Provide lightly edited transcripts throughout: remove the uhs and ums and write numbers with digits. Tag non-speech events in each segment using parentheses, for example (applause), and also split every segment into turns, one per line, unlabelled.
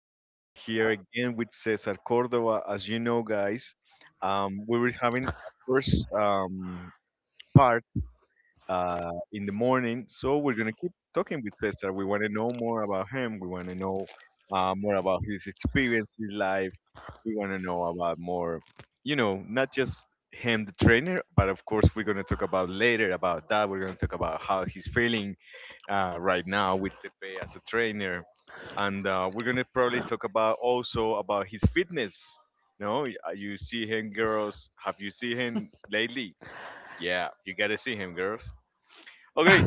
back. We're here again with Cesar Cordova. As you know, guys, we were having a first part in the morning, so we're going to keep talking with Cesar. We want to know more about him, we want to know more about his experience in life, we want to know about more, not just him, the trainer, but of course, we're going to talk about later about that. We're going to talk about how he's feeling right now with Tepe as a trainer, and we're gonna probably talk about also about his fitness. No, you see him, girls. Have you seen him lately? Yeah, you gotta see him, girls. Okay,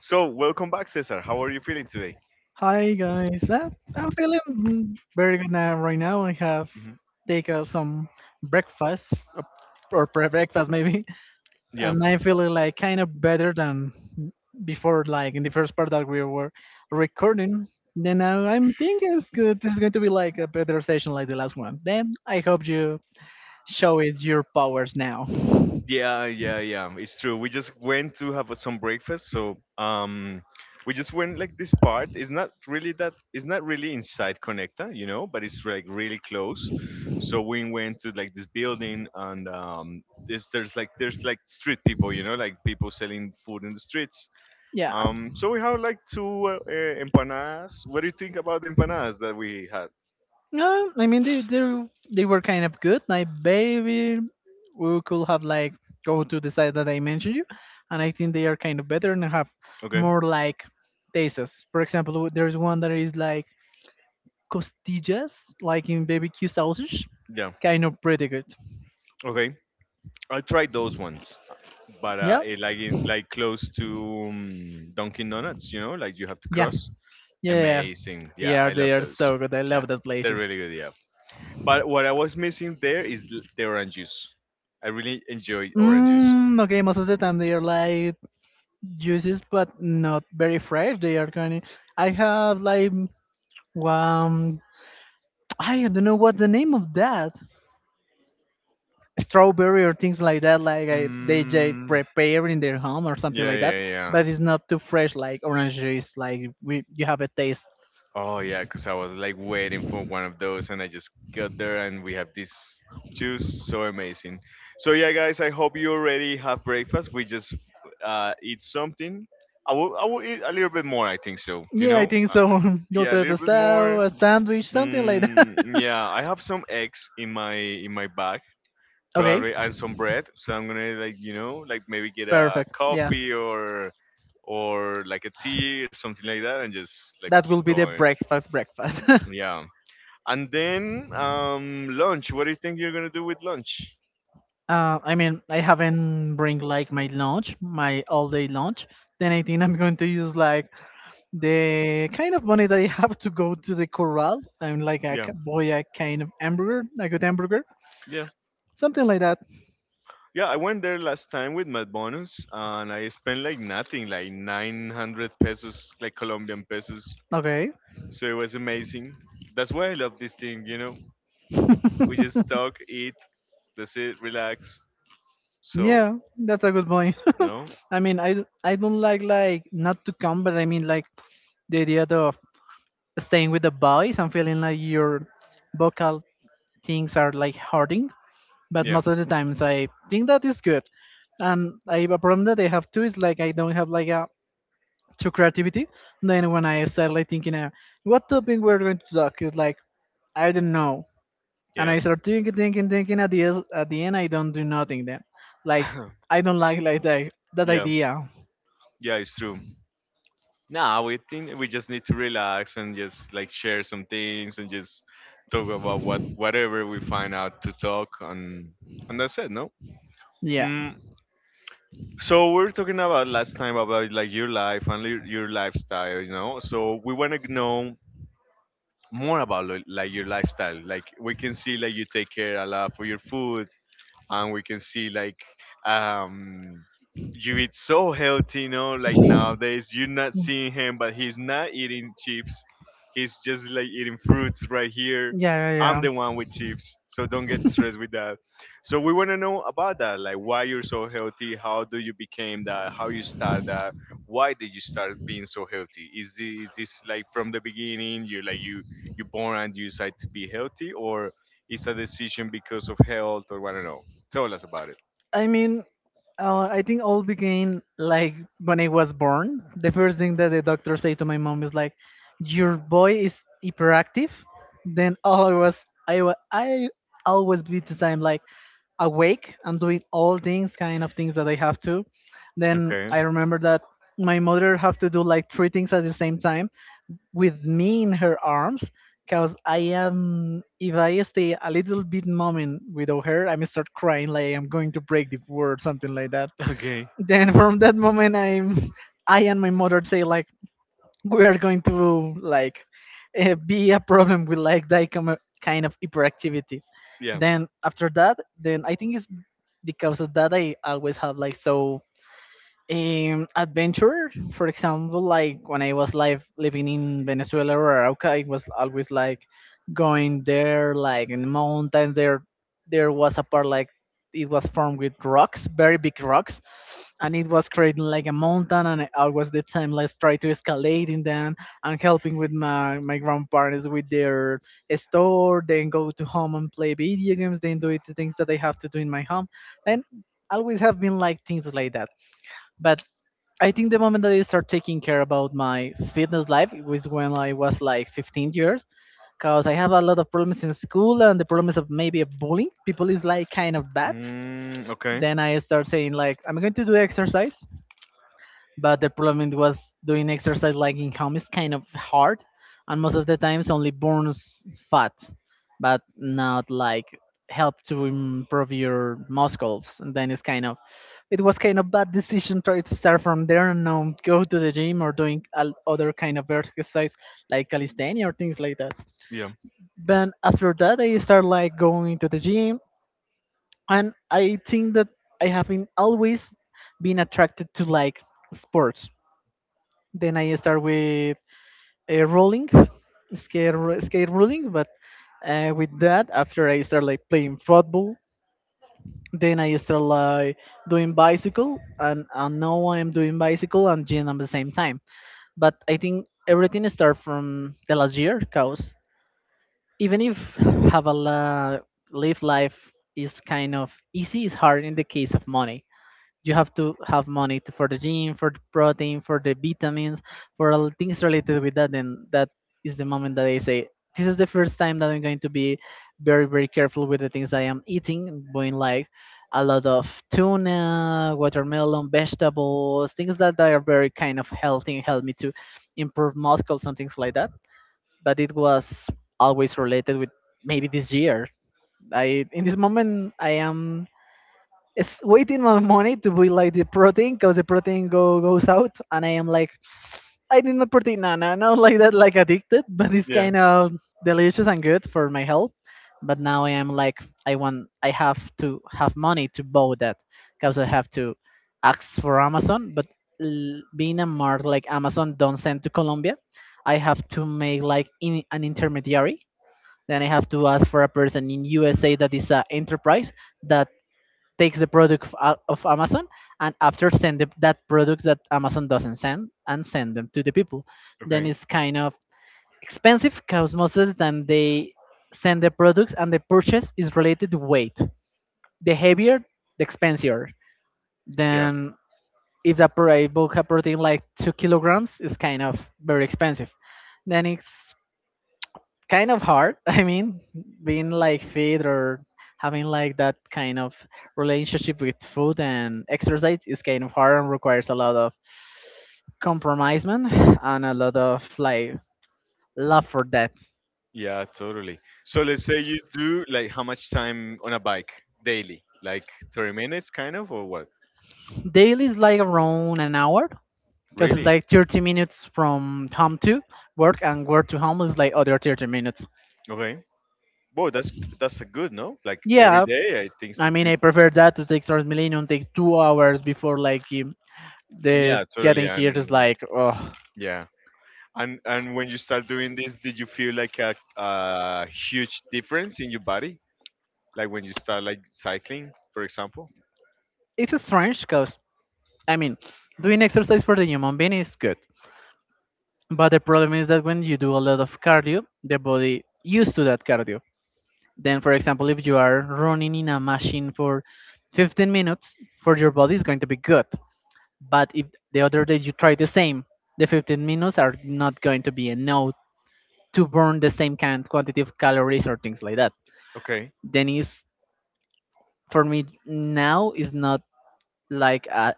so welcome back, Cesar. How are you feeling today?
Hi guys, I'm feeling very good now right now. I have
Hmm.
take some breakfast or pre breakfast maybe, (laughs) and I feel like kind of better than before. Like in the first part that we were recording, then now I'm thinking it's good. This is going to be like a better session like the last one. Then I hope you show it your powers now. (laughs)
Yeah, yeah, yeah. It's true. We just went to have some breakfast, so we just went like this part. It's not really that. It's not really inside Conecta, but it's like really close. So we went to like this building, and this there's like street people, like people selling food in the streets.
Yeah,
So we have like two empanadas. What do you think about the empanadas that we had?
no, I mean they they were kind of good. Like maybe we could have like go to the side that I mentioned you, and I think they are kind of better and have
Okay,
more like tastes. For example, there's one that is like costillas, like in barbecue sausage,
yeah,
kind of pretty good.
okay. I tried those ones. But
Yeah,
it,
yeah,
like in
yeah,
like close to Dunkin' Donuts, like you have to
yeah.
cross.
Yeah,
Amazing. Yeah,
yeah,
I love
they are
those.
so good. I
Yeah,
love that
they're
places.
really good. Yeah, but what I was missing there is the orange juice. I really enjoy orange juice.
Mm, okay, most of the time they are like juices, but not very fresh. They are kind of. I have like um. I don't know what the name of that strawberry or things like that. Like I, they just
Mm,
prepare in their home or something
yeah,
like that.
yeah, yeah.
But it's not too fresh like orange juice. Like we, you have a taste.
Oh yeah, cause I was like waiting for one of those, and I just got there, and we have this juice, so amazing. So yeah, guys, I hope you already have breakfast. We just eat something. I will eat a little bit more. I think so. You
Yeah,
know,
I think
uh, uh,
so. (laughs) Go
yeah, a
to the
little bit more.
south, a sandwich, something like that. (laughs)
Mm, yeah, I have some eggs in my bag
Okay,
probably, and some bread. So I'm gonna like like maybe get a
perfect. Yeah,
coffee or like a tea or something like that, and just like
that
keep
will be the
going.
breakfast. (laughs)
Yeah. And then lunch. What do you think you're gonna do with lunch?
I mean, I haven't bring like my lunch, my all day lunch. Then I think I'm going to use like the kind of money that I have to go to the corral. I'm like a
Yeah,
boy, a kind of hamburger, a good hamburger,
yeah,
something like that.
yeah. I went there last time with Mad Bonus, and I spent like nothing, like 900 pesos, like Colombian pesos.
Okay,
So it was amazing. That's why I love this thing. You know, we just talk, eat, that's it, relax. So
yeah, that's a good point.
no,
(laughs) I mean, I don't like not to come, but I mean like the idea of staying with the boys and feeling like your vocal things are like hurting. But
yeah,
most of the times I think that is good. And I a problem that I have too is like I don't have like a true creativity. Then when I start like thinking, what topic we're going to talk is like I don't know, and
yeah,
I start thinking, thinking, thinking. At the end, I don't do nothing. Then, like
(laughs)
I don't like that
yeah,
idea.
yeah. It's true. Nah, we think we just need to relax and just like share some things and just talk about what whatever we find out to talk on. And that's it, no?
Yeah.
Mm, so we were talking about last time about like your life and your lifestyle. So we want to know more about like your lifestyle. Like we can see like you take care a lot for your food, and we can see like um you eat so healthy, like
(laughs)
nowadays you're not seeing him, but he's not eating chips. He's just like eating fruits right here.
Yeah,
I'm
yeah,
the one with
yeah.
chips, so don't get stressed with that. So we want to know about that, like why you're so healthy, how do you became that, how you start that, why did you start being so healthy? Is this like from the beginning you like you born and you decide to be healthy, or it's a decision because of health, or I don't know. Tell us about it.
I mean, I think all began like when I was born. The first thing that the doctor said to my mom is like, "Your boy is hyperactive." Then all I was, I always be the same, like awake and doing all things, kind of things that I have to. Then
Okay.
I remember that my mother have to do like three things at the same time with me in her arms because I am if I stay a little bit moment without her, I may start crying like I'm going to break the world, something like that.
Okay.
Then (laughs) from that moment, I and my mother say like we are going to like be a problem with like that kind of hyperactivity.
Yeah.
Then after that, then I think it's because of that I always have like so adventure. For example, like when I was live living in Venezuela or Arauca, I was always like going there, like in the mountains. There was a part like it was formed with rocks, very big rocks, and it was creating like a mountain. And I always the time, let's try to escalate in them and helping with my grandparents with their store. Then go to home and play video games. Then do it the things that I have to do in my home. Then always have been like things like that. But I think the moment that I start taking care about my fitness life was when I was like 15 years, because I have a lot of problems in school and the problems of maybe of bullying. People is like kind of bad.
Mm, okay.
Then I start saying like I'm going to do exercise, but the problem it was doing exercise like in home is kind of hard and most of the times only burns fat but not like help to improve your muscles, and then it's kind of it was kind of bad decision try to start from there and now go to the gym or doing other kind of exercise like calisthenia or things like that.
Yeah.
Then after that I start like going to the gym, and I think that I have been always been attracted to like sports. Then I start with a rolling, skate rolling. But with that, after I start like playing football, then I start like doing bicycle, and now I'm doing bicycle and gym at the same time. But I think everything start from the last year, cause even if have a live life is kind of easy, it's hard in the case of money. You have to have money to, for the gym, for the protein, for the vitamins, for all things related with that. Then that is the moment that I say, this is the first time that I'm going to be very, very careful with the things I am eating, going like a lot of tuna, watermelon, vegetables, things that are very kind of healthy and help me to improve muscles and things like that. But it was always related with maybe this year. I in this moment I am it's waiting my money to be like the protein because the protein go goes out and I am like I did not protein no no not like that like addicted (laughs) but it's
Yeah.
kind of delicious and good for my health. But now I am like I want I have to have money to buy that because I have to ask for Amazon. But being a mart like Amazon don't send to Colombia, I have to make like in, an intermediary. Then I have to ask for a person in USA that is an enterprise that takes the product of, of Amazon and after send the, that product that Amazon doesn't send and send them to the people. Then
Okay.
it's kind of expensive because most of the time they send the products and the purchase is related to weight. The heavier, the expensive. Then if the book a protein like 2 kilograms, it's kind of very expensive. Then it's kind of hard. (laughs) I mean, being like fit or having like that kind of relationship with food and exercise is kind of hard and requires a lot of compromisement and a lot of like love for that.
Yeah, totally. So let's say you do like how much time on a bike daily? Like 30 minutes kind of or what?
Daily is like around an hour because it's
Really?
like 30 minutes from home to work and work to home is like other 30 minutes.
Okay. Boy, that's a good, no? Like every
Yeah,
day, I think it's a
I mean,
good.
I prefer that to take Transmillennium, take 2 hours before like the
Yeah, totally.
getting here is
And
like, oh.
yeah. And when you start doing this, did you feel like a huge difference in your body? Like when you start like cycling, for example?
It's strange because I mean, doing exercise for the human being is good, but the problem is that when you do a lot of cardio, the body used to that cardio. Then, for example, if you are running in a machine for 15 minutes, for your body is going to be good. But if the other day you try the same, the 15 minutes are not going to be enough to burn the same kind quantity of calories or things like that.
Okay.
Then is for me now is not like a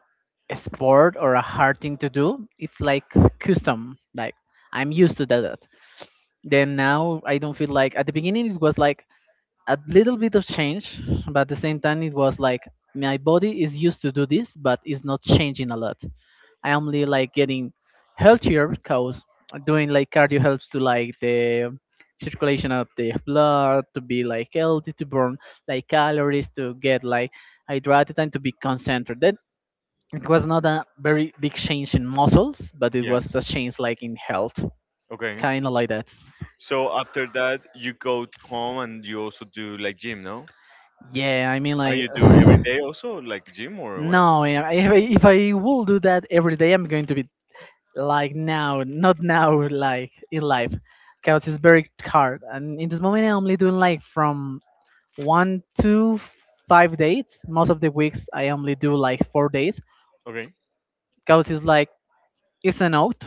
sport or a hard thing to do, it's like custom, like I'm used to that. Then now I don't feel like at the beginning it was like a little bit of change, but at the same time it was like my body is used to do this but it's not changing a lot. I only like getting healthier because doing like cardio helps to like the circulation of the blood to be like healthy, to burn like calories, to get like hydrated and to be concentrated. It was not a very big change in muscles, but it
Yeah.
was a change like in health,
Okay.
kind of like that.
So after that, you go home and you also do like gym, no?
Yeah, I mean
And
like
you
(sighs)
do every day also like gym or what?
no, if I will do that every day, I'm going to be like now, not now, like in life, because it's very hard. And in this moment, I'm only doing like from one to five dates. Most of the weeks, I only do like 4 days,
Okay.
because it's like it's an oath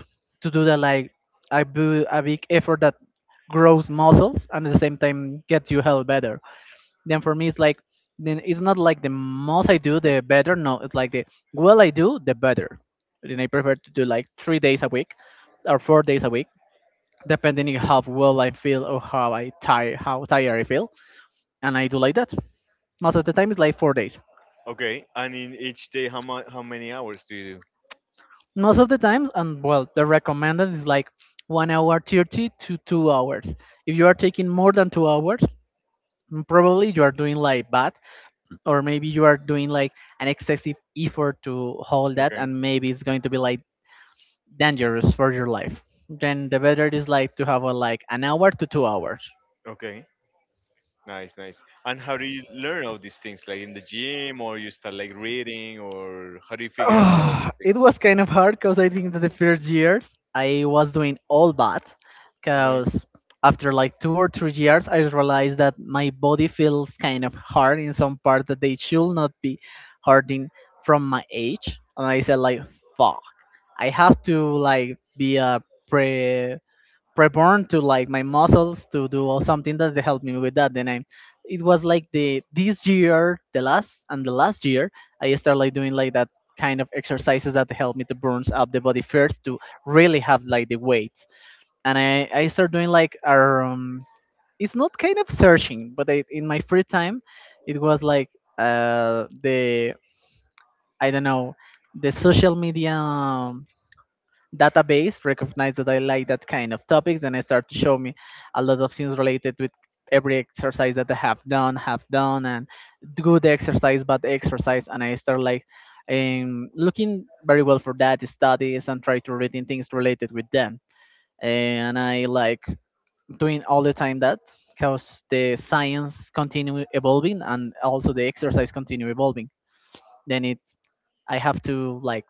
to do that like a, a big effort that grows muscles and at the same time gets you health better. Then for me, it's like then it's not like the most I do, the better. No, it's like the well I do, the better. Then I prefer to do like 3 days a week or 4 days a week, depending on how well I feel or how I tired, how tired I feel, and I do like that. Most of the time, it's like 4 days.
Okay. And in each day, how much, how many hours do you
Most of the times and well the recommended is like 1 hour 30 to 2 hours. If you are taking more than 2 hours, probably you are doing like bad, or maybe you are doing like an excessive effort to hold
do?
that,
Okay.
and maybe it's going to be like dangerous for your life. Then the better is like to have like an hour to 2 hours.
Okay. Nice, nice. And how do you learn all these things? Like in the gym, or you start like reading, or how do you
(sighs)
figure out all
Ah,
these
it
things?
was kind of hard because I think that the first years I was doing all bad,
Okay.
because after like 2 or 3 years I realized that my body feels kind of hard in some part that they should not be hurting from my age, and I said like fuck, I have to like be a pre preborn to like my muscles to do all something that they helped me with that. Then i it was like the this year, the last and the last year, I started like doing like that kind of exercises that help me to burn up the body first to really have like the weights. And I start doing like it's not kind of searching, but I, in my free time, it was like the I don't know, the social media database recognized that I like that kind of topics, and I start to show me a lot of things related with every exercise that have done, and good exercise, bad exercise, and I start like looking very well for that studies and try to read in things related with them. And I like doing all the time that, because the science continue evolving and also the exercise continue evolving. Then it I have to like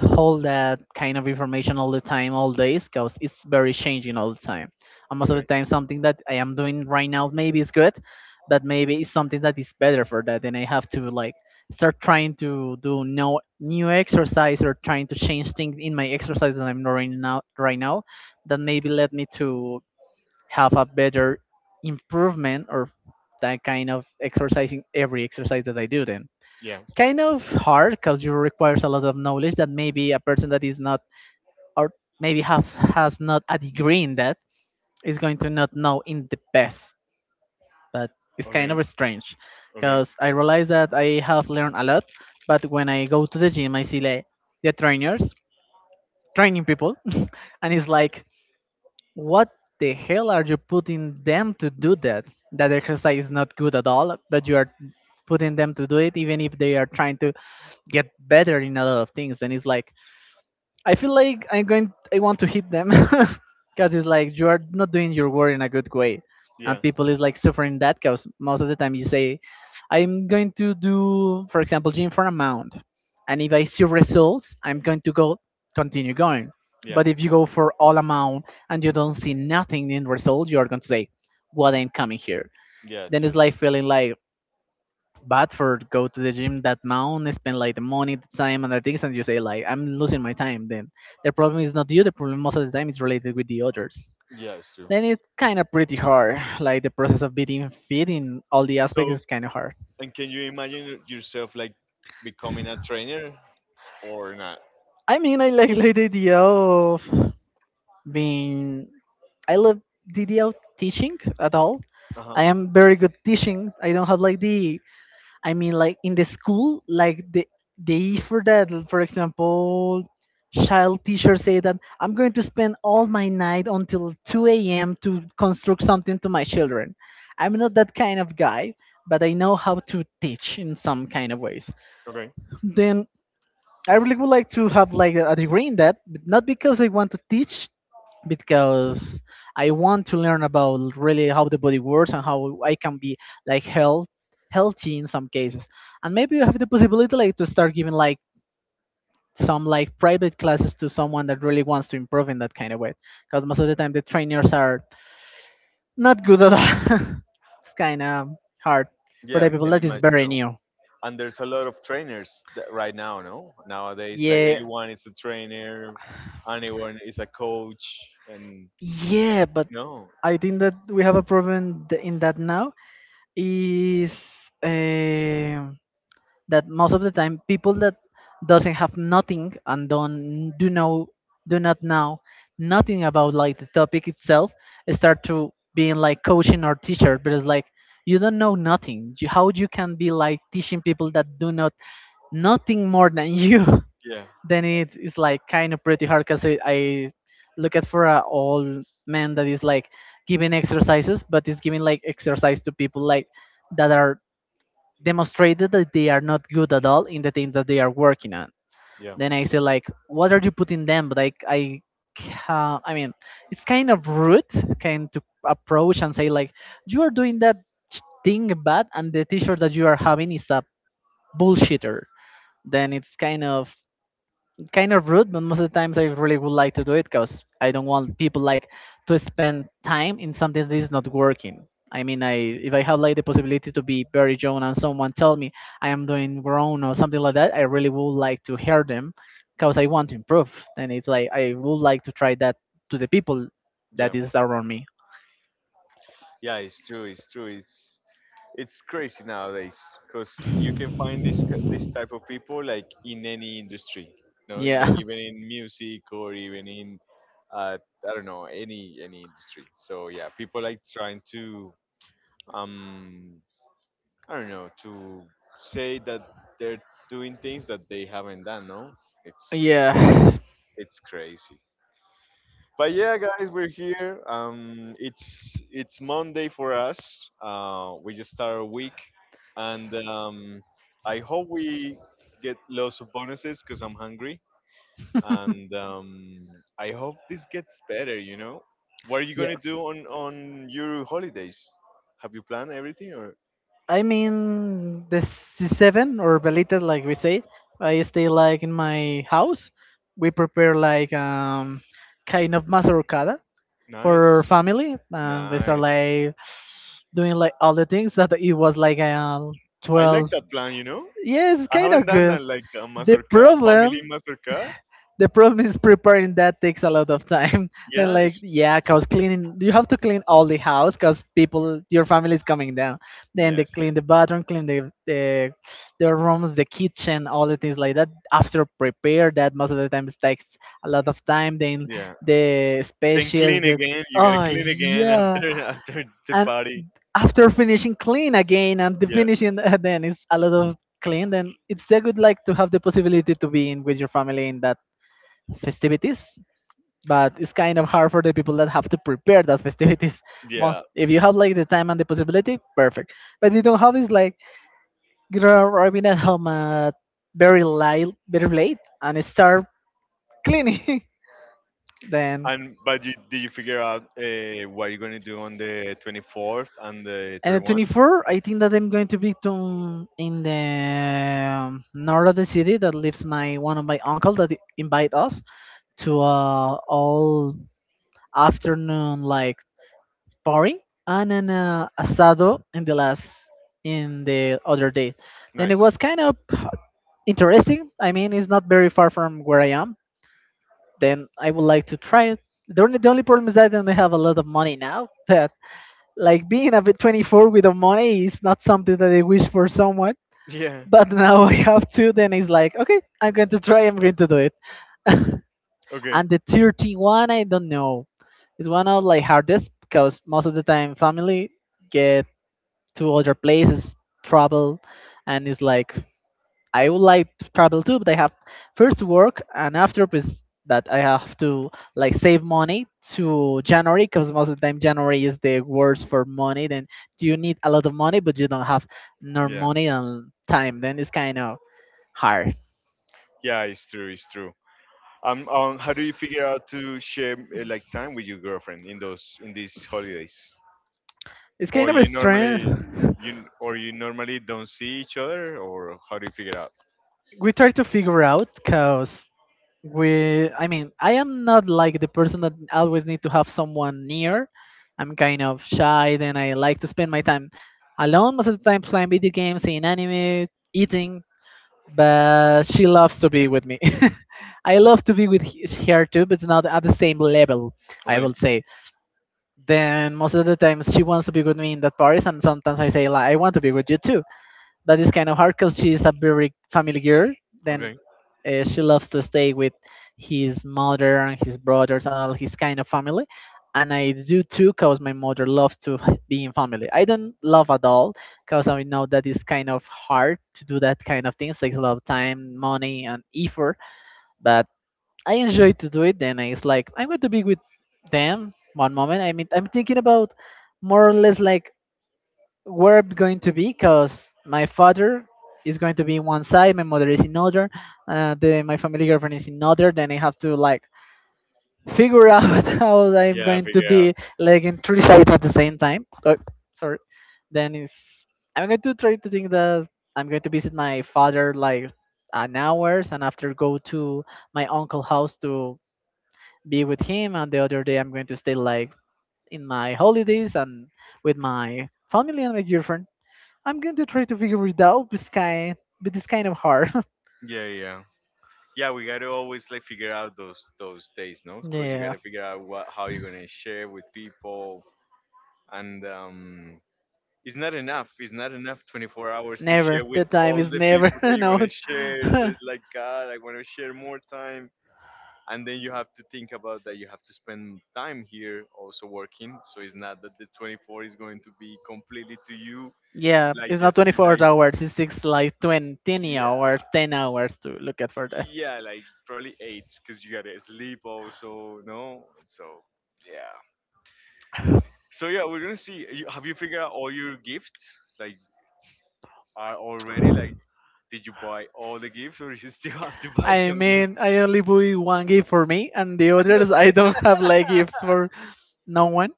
hold that kind of information all the time, all days, because it's very changing all the time. And most of
Okay.
the time, something that I am doing right now maybe is good, but maybe it's something that is better for that. And I have to like start trying to do no new exercise or trying to change things in my exercise that I'm doing now right now, that maybe led me to have a better improvement or that kind of exercising every exercise that I do. Then
Yeah.
kind of hard, because it requires a lot of knowledge that maybe a person that is not, or maybe have has not a degree in that, is going to not know in the best. But it's kind
Okay.
of strange,
Okay.
because I realize that I have learned a lot, but when I go to the gym I see like the trainers training people (laughs) and it's like, what the hell are you putting them to do? That that exercise is not good at all, but you are putting them to do it, even if they are trying to get better in a lot of things. And it's like, I feel like I'm going. I want to hit them (laughs) because it's like, you are not doing your work in a good way, and
Yeah.
people is like suffering that. Because most of the time you say, "I'm going to do, for example, gym for an amount," and if I see results, I'm going to go continue going.
Yeah.
But if you go for all amount and you don't see nothing in result, you are going to say, "What I'm coming here."
Yeah.
Then it's
Totally.
like feeling like bad for go to the gym that amount, spend like the money, the time, and the things, and you say like, I'm losing my time. Then the problem is not you. The problem most of the time is related with the others.
Yeah. It's true.
Then it's kind of pretty hard. Like the process of being fit in all the aspects
So,
is kind of hard.
and can you imagine yourself like becoming a trainer or not?
I mean, I like the idea of being. I love the idea of teaching at all.
Uh huh.
I am very good teaching. I don't have like the, I mean, like in the school, like the effort that, for example, child teachers say that I'm going to spend all my night until 2 a.m. to construct something to my children. I'm not that kind of guy, but I know how to teach in some kind of ways.
Okay.
Then I really would like to have like a degree in that, but not because I want to teach, because I want to learn about really how the body works and how I can be like healthy in some cases. And maybe you have the possibility like to start giving like some like private classes to someone that really wants to improve in that kind of way. Because most of the time the trainers are not good at that. (laughs) It's kind of hard for
Yeah.
the
I
people
can
that is
imagine,
very
no?
new.
And there's a lot of trainers that right now, no, nowadays, like
Yeah,
everyone is a trainer, anyone is a coach. And
yeah, but
no,
I think that we have a problem in that now is that most of the time people that doesn't have nothing and don't do know do not know nothing about like the topic itself, start to being like coaching or teacher, but it's like, you don't know nothing. How you can be like teaching people that do not nothing more than you?
yeah,
(laughs) Then it is like kind of pretty hard, because I look at for a old man that is like giving exercises, but is giving like exercise to people like that are demonstrated that they are not good at all in the thing that they are working on.
yeah,
Then I say like, what are you putting them? Like I, I mean, it's kind of rude, kind to approach and say like, you are doing that thing bad, and the T-shirt that you are having is a bullshitter. Then it's kind of rude, but most of the times I really would like to do it, because I don't want people like to spend time in something that is not working. I mean, I if I have like the possibility to be very young and someone tell me I am doing wrong or something like that, I really would like to hear them, because I want to improve. And it's like I would like to try that to the people
yeah,
that is around me.
yeah, it's true, it's true, it's crazy nowadays, because you can find this type of people like in any industry, no, like
Yeah.
even in music or even in uh, I don't know, any
(laughs)
industry. So yeah, people like trying to um I don't know, to say that they're doing things that they haven't done, no? It's
Yeah.
it's crazy. But yeah, guys, we're here. It's Monday for us. We just start our week, and I hope we get lots of bonuses because I'm hungry, and I hope this gets better. You know, what are you
Yeah.
gonna do on your holidays? Have you planned everything or
I mean, the seven or velitas, like we say, I stay like in my house. We prepare like kind of mazorcada for
nice,
family. We start
nice?
like doing like all the things that it was like
I like
12.
that plan.
Yes, it's
I
kind
haven't
of
done that
good.
like a
The
mazurka, family
problem.
mazurka.
The problem is preparing that takes a lot of time. (laughs) Then
Yeah,
like
it's
yeah, cause cleaning, you have to clean all the house, cause people your family is coming down. Then
yeah,
they
it's true.
clean the bathroom, clean the the rooms, the kitchen, all the things like that. After prepare that most of the times takes a lot of time. Then
Yeah.
the
Then
species
clean
the
again. You gotta
oh
clean again
yeah,
after (laughs) after the
and
party.
after finishing clean again and the
Yeah,
finishing (laughs) then it's a lot of clean. Then it's a good like to have the possibility to be in with your family in that festivities, but it's kind of hard for the people that have to prepare that festivities.
yeah.
If you have like the time and the possibility, perfect, but you don't have, is like you're arriving at home at very late and start cleaning. (laughs) Then
And but did you figure out what you're gonna do on the 24th and the
and the
31st?
24 I think that I'm going to be to in the north of the city that lives my one of my uncle, that invite us to all afternoon like party and an asado in the last in the other day. Then it
Nice.
was kind of interesting. I mean, it's not very far from where I am. Then I would like to try it. The only problem is that I don't have a lot of money now. (laughs) But like being a bit 24 with the money is not something that I wish for someone.
Yeah.
But (laughs) now I have to. Then it's like, okay, I'm going to try. I'm going to do it. (laughs)
Okay.
And the 31, I don't know. It's one of like hardest, because most of the time family get to other places, travel, and it's like I would like to travel too, but I have first work, and after is that I have to like save money to January, because most of the time January is the worst for money. Then you need a lot of money, but you don't have no
Yeah.
money and time. Then it's kind of hard.
Yeah, it's true. It's true. How do you figure out to share like time with your girlfriend in those in these holidays?
It's
Or
kind of a
you
strange.
normally
(laughs)
don't see each other, or how do you figure out?
We try to figure out because we I mean I am not like the person that always need to have someone near. I'm kind of shy. Then I like to spend my time alone most of the time, playing video games, seeing anime, eating, but she loves to be with me. (laughs) I love to be with her too, but it's not at the same level, I
Okay,
will say. Then most of the times she wants to be with me in that parties, and sometimes I say like I want to be with you too. That is kind of hard because she's a very family girl. Then
okay.
she loves to stay with his mother and his brothers and all his kind of family. And I do too, because my mother loves to (laughs) be in family. I don't love at all, because I know that it's kind of hard to do that kind of things. Takes a lot of time, money, and effort. But I enjoy to do it. Then it's like I'm going to be with them one moment. I mean, I'm thinking about more or less like where I'm going to be because my father is going to be in one side, my mother is in other, my family girlfriend is in other. Then I have to like figure out (laughs) how I'm
Yeah,
going to
figure
be
out.
like in three sides at the same time. Oh, sorry. Then it's I'm going to try to think that I'm going to visit my father like an hours and after go to my uncle house to be with him, and the other day I'm going to stay like in my holidays and with my family and my girlfriend. I'm going to try to figure it out, but but it's kind of hard.
Yeah, yeah, yeah. We gotta always like figure out those days, no?
(laughs)
Because you
Yeah.
gotta figure out what how you're gonna share with people, and it's not enough. It's not enough 24 hours to
Never.
share with
The time
all
is
the
never.
people that
(laughs)
you
No.
wanna share. So
(laughs)
it's like, God, I wanna share more time, and then you have to think about that you have to spend time here also working, so it's not that the 24 is going to be completely to you,
Yeah,
like
it's not
just to
24
like
hours. It's like 20
yeah,
hours, 10 hours to look at for that.
yeah, like probably eight because you gotta sleep also, no? So yeah, so yeah, we're gonna see you. Have you figured out all your gifts? Like are already like did you buy all the gifts or (laughs) you still have to buy
I
some gifts
mean, I only buy one gift for me, and the
(laughs)
others I
Understand?
don't (laughs) have like gifts for no one.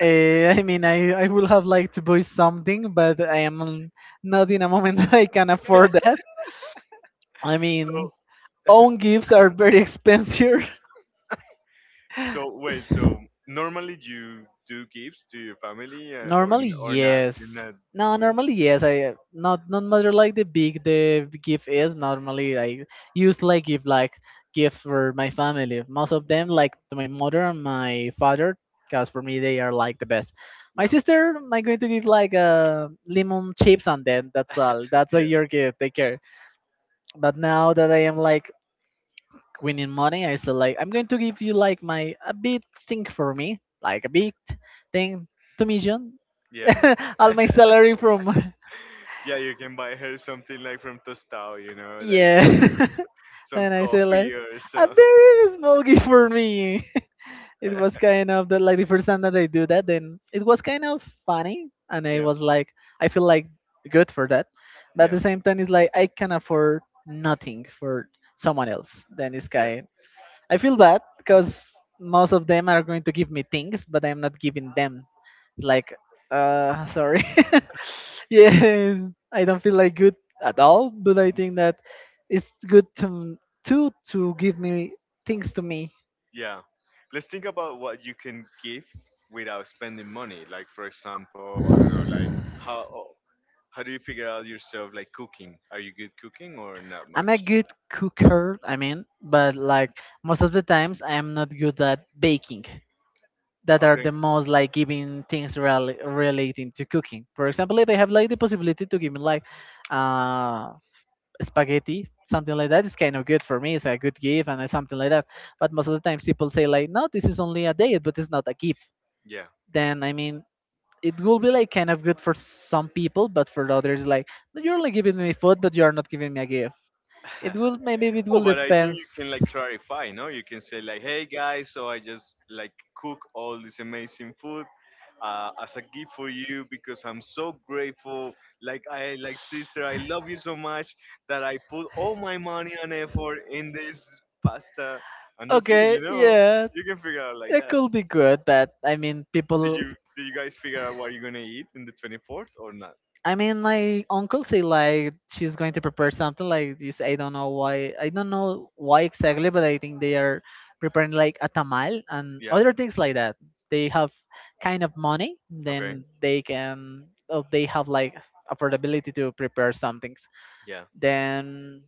I mean, I would have liked to buy something, but I am not in a moment (laughs) that I can afford that. I
(laughs) so
mean, own gifts are very expensive.
So wait, so
(laughs)
normally you do gifts to your family or
Normally,
n- or not?
yes.
You're not.
No,
Okay,
normally yes. I not matter like the gift is. Normally, I use like give like gifts for my family. Most of them like to my mother and my father, because for me they are like the best. My
yeah,
sister, I'm going to give like lemon chips, and then that's all.
(laughs)
That's
yeah,
your gift. Take care. But now that I am like winning money, I said like I'm going to give you like my a big thing for me, like a big thing, 2 million,
yeah,
(laughs) all my salary from (laughs)
yeah. You can buy her something like from Tostao, like
yeah.
some
(laughs)
some
And I said like
coffee or
a
some.
very small gift for me. (laughs) It was
(laughs)
kind of like the first time that I do that. Then it was kind of funny, and I
Yeah,
was like, I feel like good for that. But at
yeah,
the same time, it's like I can afford nothing for someone else. Then it's
yeah,
kind I feel bad because most of them are going to give me things, but I'm not giving them. Like, sorry. (laughs) Yes, I don't feel like good at all. But I think that it's good to give me things to me.
yeah. Let's think about what you can gift without spending money. Like for example, I don't know, like how How do you figure out yourself like cooking? Are you good cooking or not I'm
I'm a
much?
good cooker, I mean, but like most of the times, I am not good at baking. That are the
Okay,
most like giving things relating to cooking. For example, if I have like the possibility to give me like uh, spaghetti, something like that. It's kind of good for me. It's a good gift, and something like that. But most of the times people say like, no, this is only a date, but it's not a gift.
yeah.
Then I mean, it will be like kind of good for some people, but for others like, "No, you're only giving me food, but you are not giving me a gift." It will
(laughs)
maybe it
Well,
will
but I think you can
depends.
like clarify, no? You can say like, "Hey guys, so I just like cook all this amazing food as a gift for you because I'm so grateful. Like I like sister, I love you so much that I put all my money and effort in this pasta." And that's it,
Okay,
you know.
yeah,
You can figure out like
it
that.
could be good, but I mean
Did
people.
you did you guys figure out what you're gonna eat in the 24th or not?
I mean, my uncle say like she's going to prepare something like this. I don't know why. I don't know why exactly, but I think they are preparing like a tamal and
Yeah.
other things like that. They have kind of money,
Okay.
then they can. Oh, they have like affordability to prepare some things.
Yeah.
Then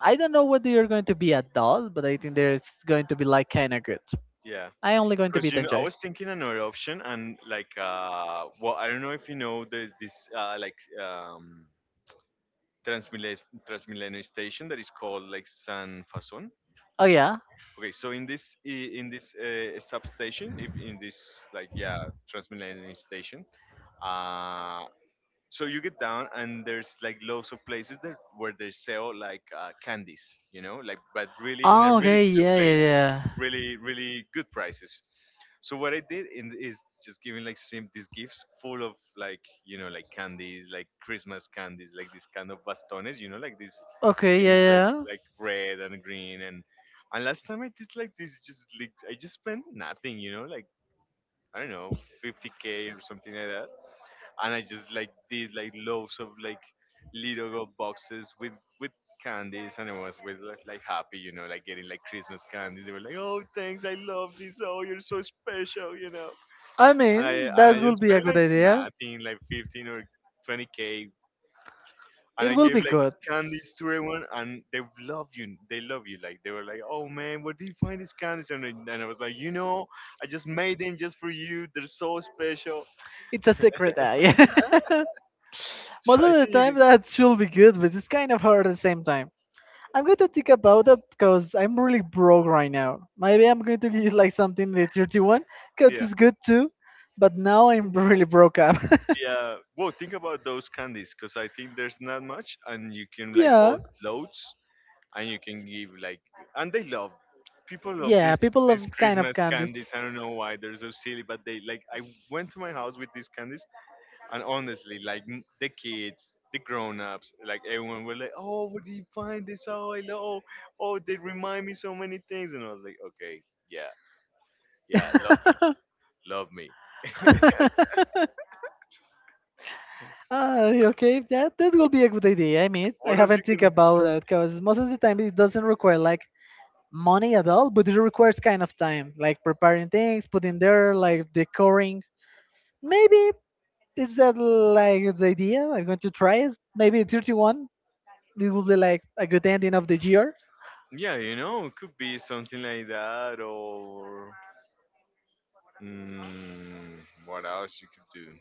I don't know what they are going to be at all, but I think there's going to be like kind of good.
Yeah.
I only going to
Because
be
you know, I
enjoy.
was thinking another option and like well, I don't know if you know the this like um Transmilenio station that is called like San Fason.
Oh yeah.
Okay, so in in this substation, if in this like yeah, Transmilenio station, uh, so you get down and there's like loads of places that where they sell like candies, like but really in a
Oh,
really
okay,
good
yeah, yeah,
place,
yeah.
really really good prices. So what I did is just giving like sim these gifts full of like like candies, like Christmas candies, like this kind of bastones, like these
Okay, yeah,
things, like
yeah.
red and green. And last time I did like this, just like I just spent nothing, like I don't know, 50K or something like that. And I just like did like loaves of like little gold boxes with candies, and everyone was with like happy, like getting like Christmas candies. They were like, "Oh, thanks, I love this. Oh, you're so special."
I
And
mean,
I
I
and
that
I
will
just
would be a
spent
good
like
idea.
nothing, like 15 or 20 k, and
It
I
will
gave
be
like
good.
candies to everyone, and they love you. They love you. Like they were like, "Oh man, where do you find these candies?" And I was like, "You know, I just made them just for you. They're so special." (laughs)
It's a secret eye. (laughs) Most
So I
of the
think you
time,
can.
that should be good, but it's kind of hard at the same time. I'm going to think about it because I'm really broke right now. Maybe I'm going to get like something the 31, because
Yeah.
it's good too. But now I'm (laughs) really broke up.
Yeah, well, think about those candies because I think there's not much, and you can like
(laughs)
buy
Yeah.
loads, and you can give like, and they love people love
Yeah,
these
people love
these
kind of
Christmas candies.
candies.
I don't know why they're so silly, but they like. I went to my house with these candies, and honestly, like the kids, the grown-ups, like everyone were like, "Oh, where did you find this? Oh, I love. Oh, they remind me so many things." And I was like, "Okay, yeah, yeah, love me,
(laughs)
love me."
(laughs) Ah, okay, that will be a good idea. I mean, I
What else you
haven't think
can?
about that because most of the time it doesn't require like money at all, but it requires kind of time, like preparing things, putting there, like decoring. Maybe is that like the idea? I'm going to try it. Maybe 31. It will be like a good ending of the year.
Yeah, it could be something like that, or mm, what else you could do?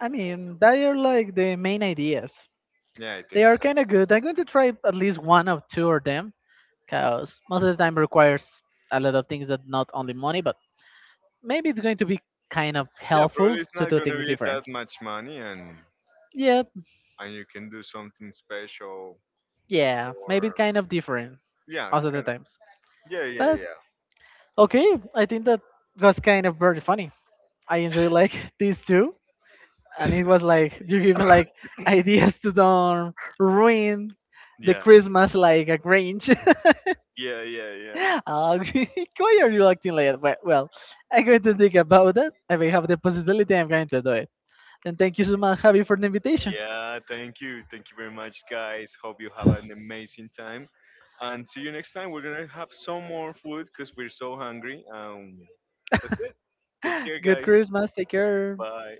I mean, they are like the main ideas.
Yeah, I
They
think
are
so.
kind of good. I'm going to try at least one or two of them because most of the time requires a lot of things that not only money, but maybe it's going to be kind of
Yeah,
helpful
probably it's
to
not
do
gonna
things
be
different.
that much money,
Yep,
and you can do something special,
yeah, maybe
or
kind of different
yeah,
most of the
kind of.
times.
Yeah, yeah,
But
yeah,
okay, I think that was kind of very funny. I enjoy like (laughs) these two, and it was like (laughs) you give me like ideas to don't ruin the
yeah,
Christmas like a Grinch. (laughs)
yeah, yeah, yeah.
uh, (laughs) why are you acting like that? Well, well, I'm going to think about that. If I have the possibility, I'm going to do. And thank you so much, Javi, for the invitation.
Yeah,
(laughs)
thank you very much, guys. Hope you have an amazing time, and see you next time. We're gonna have some more food because we're so hungry. That's it. Take
Okay,
care,
good guys. (sighs)
guys.
Christmas. Take care.
Bye.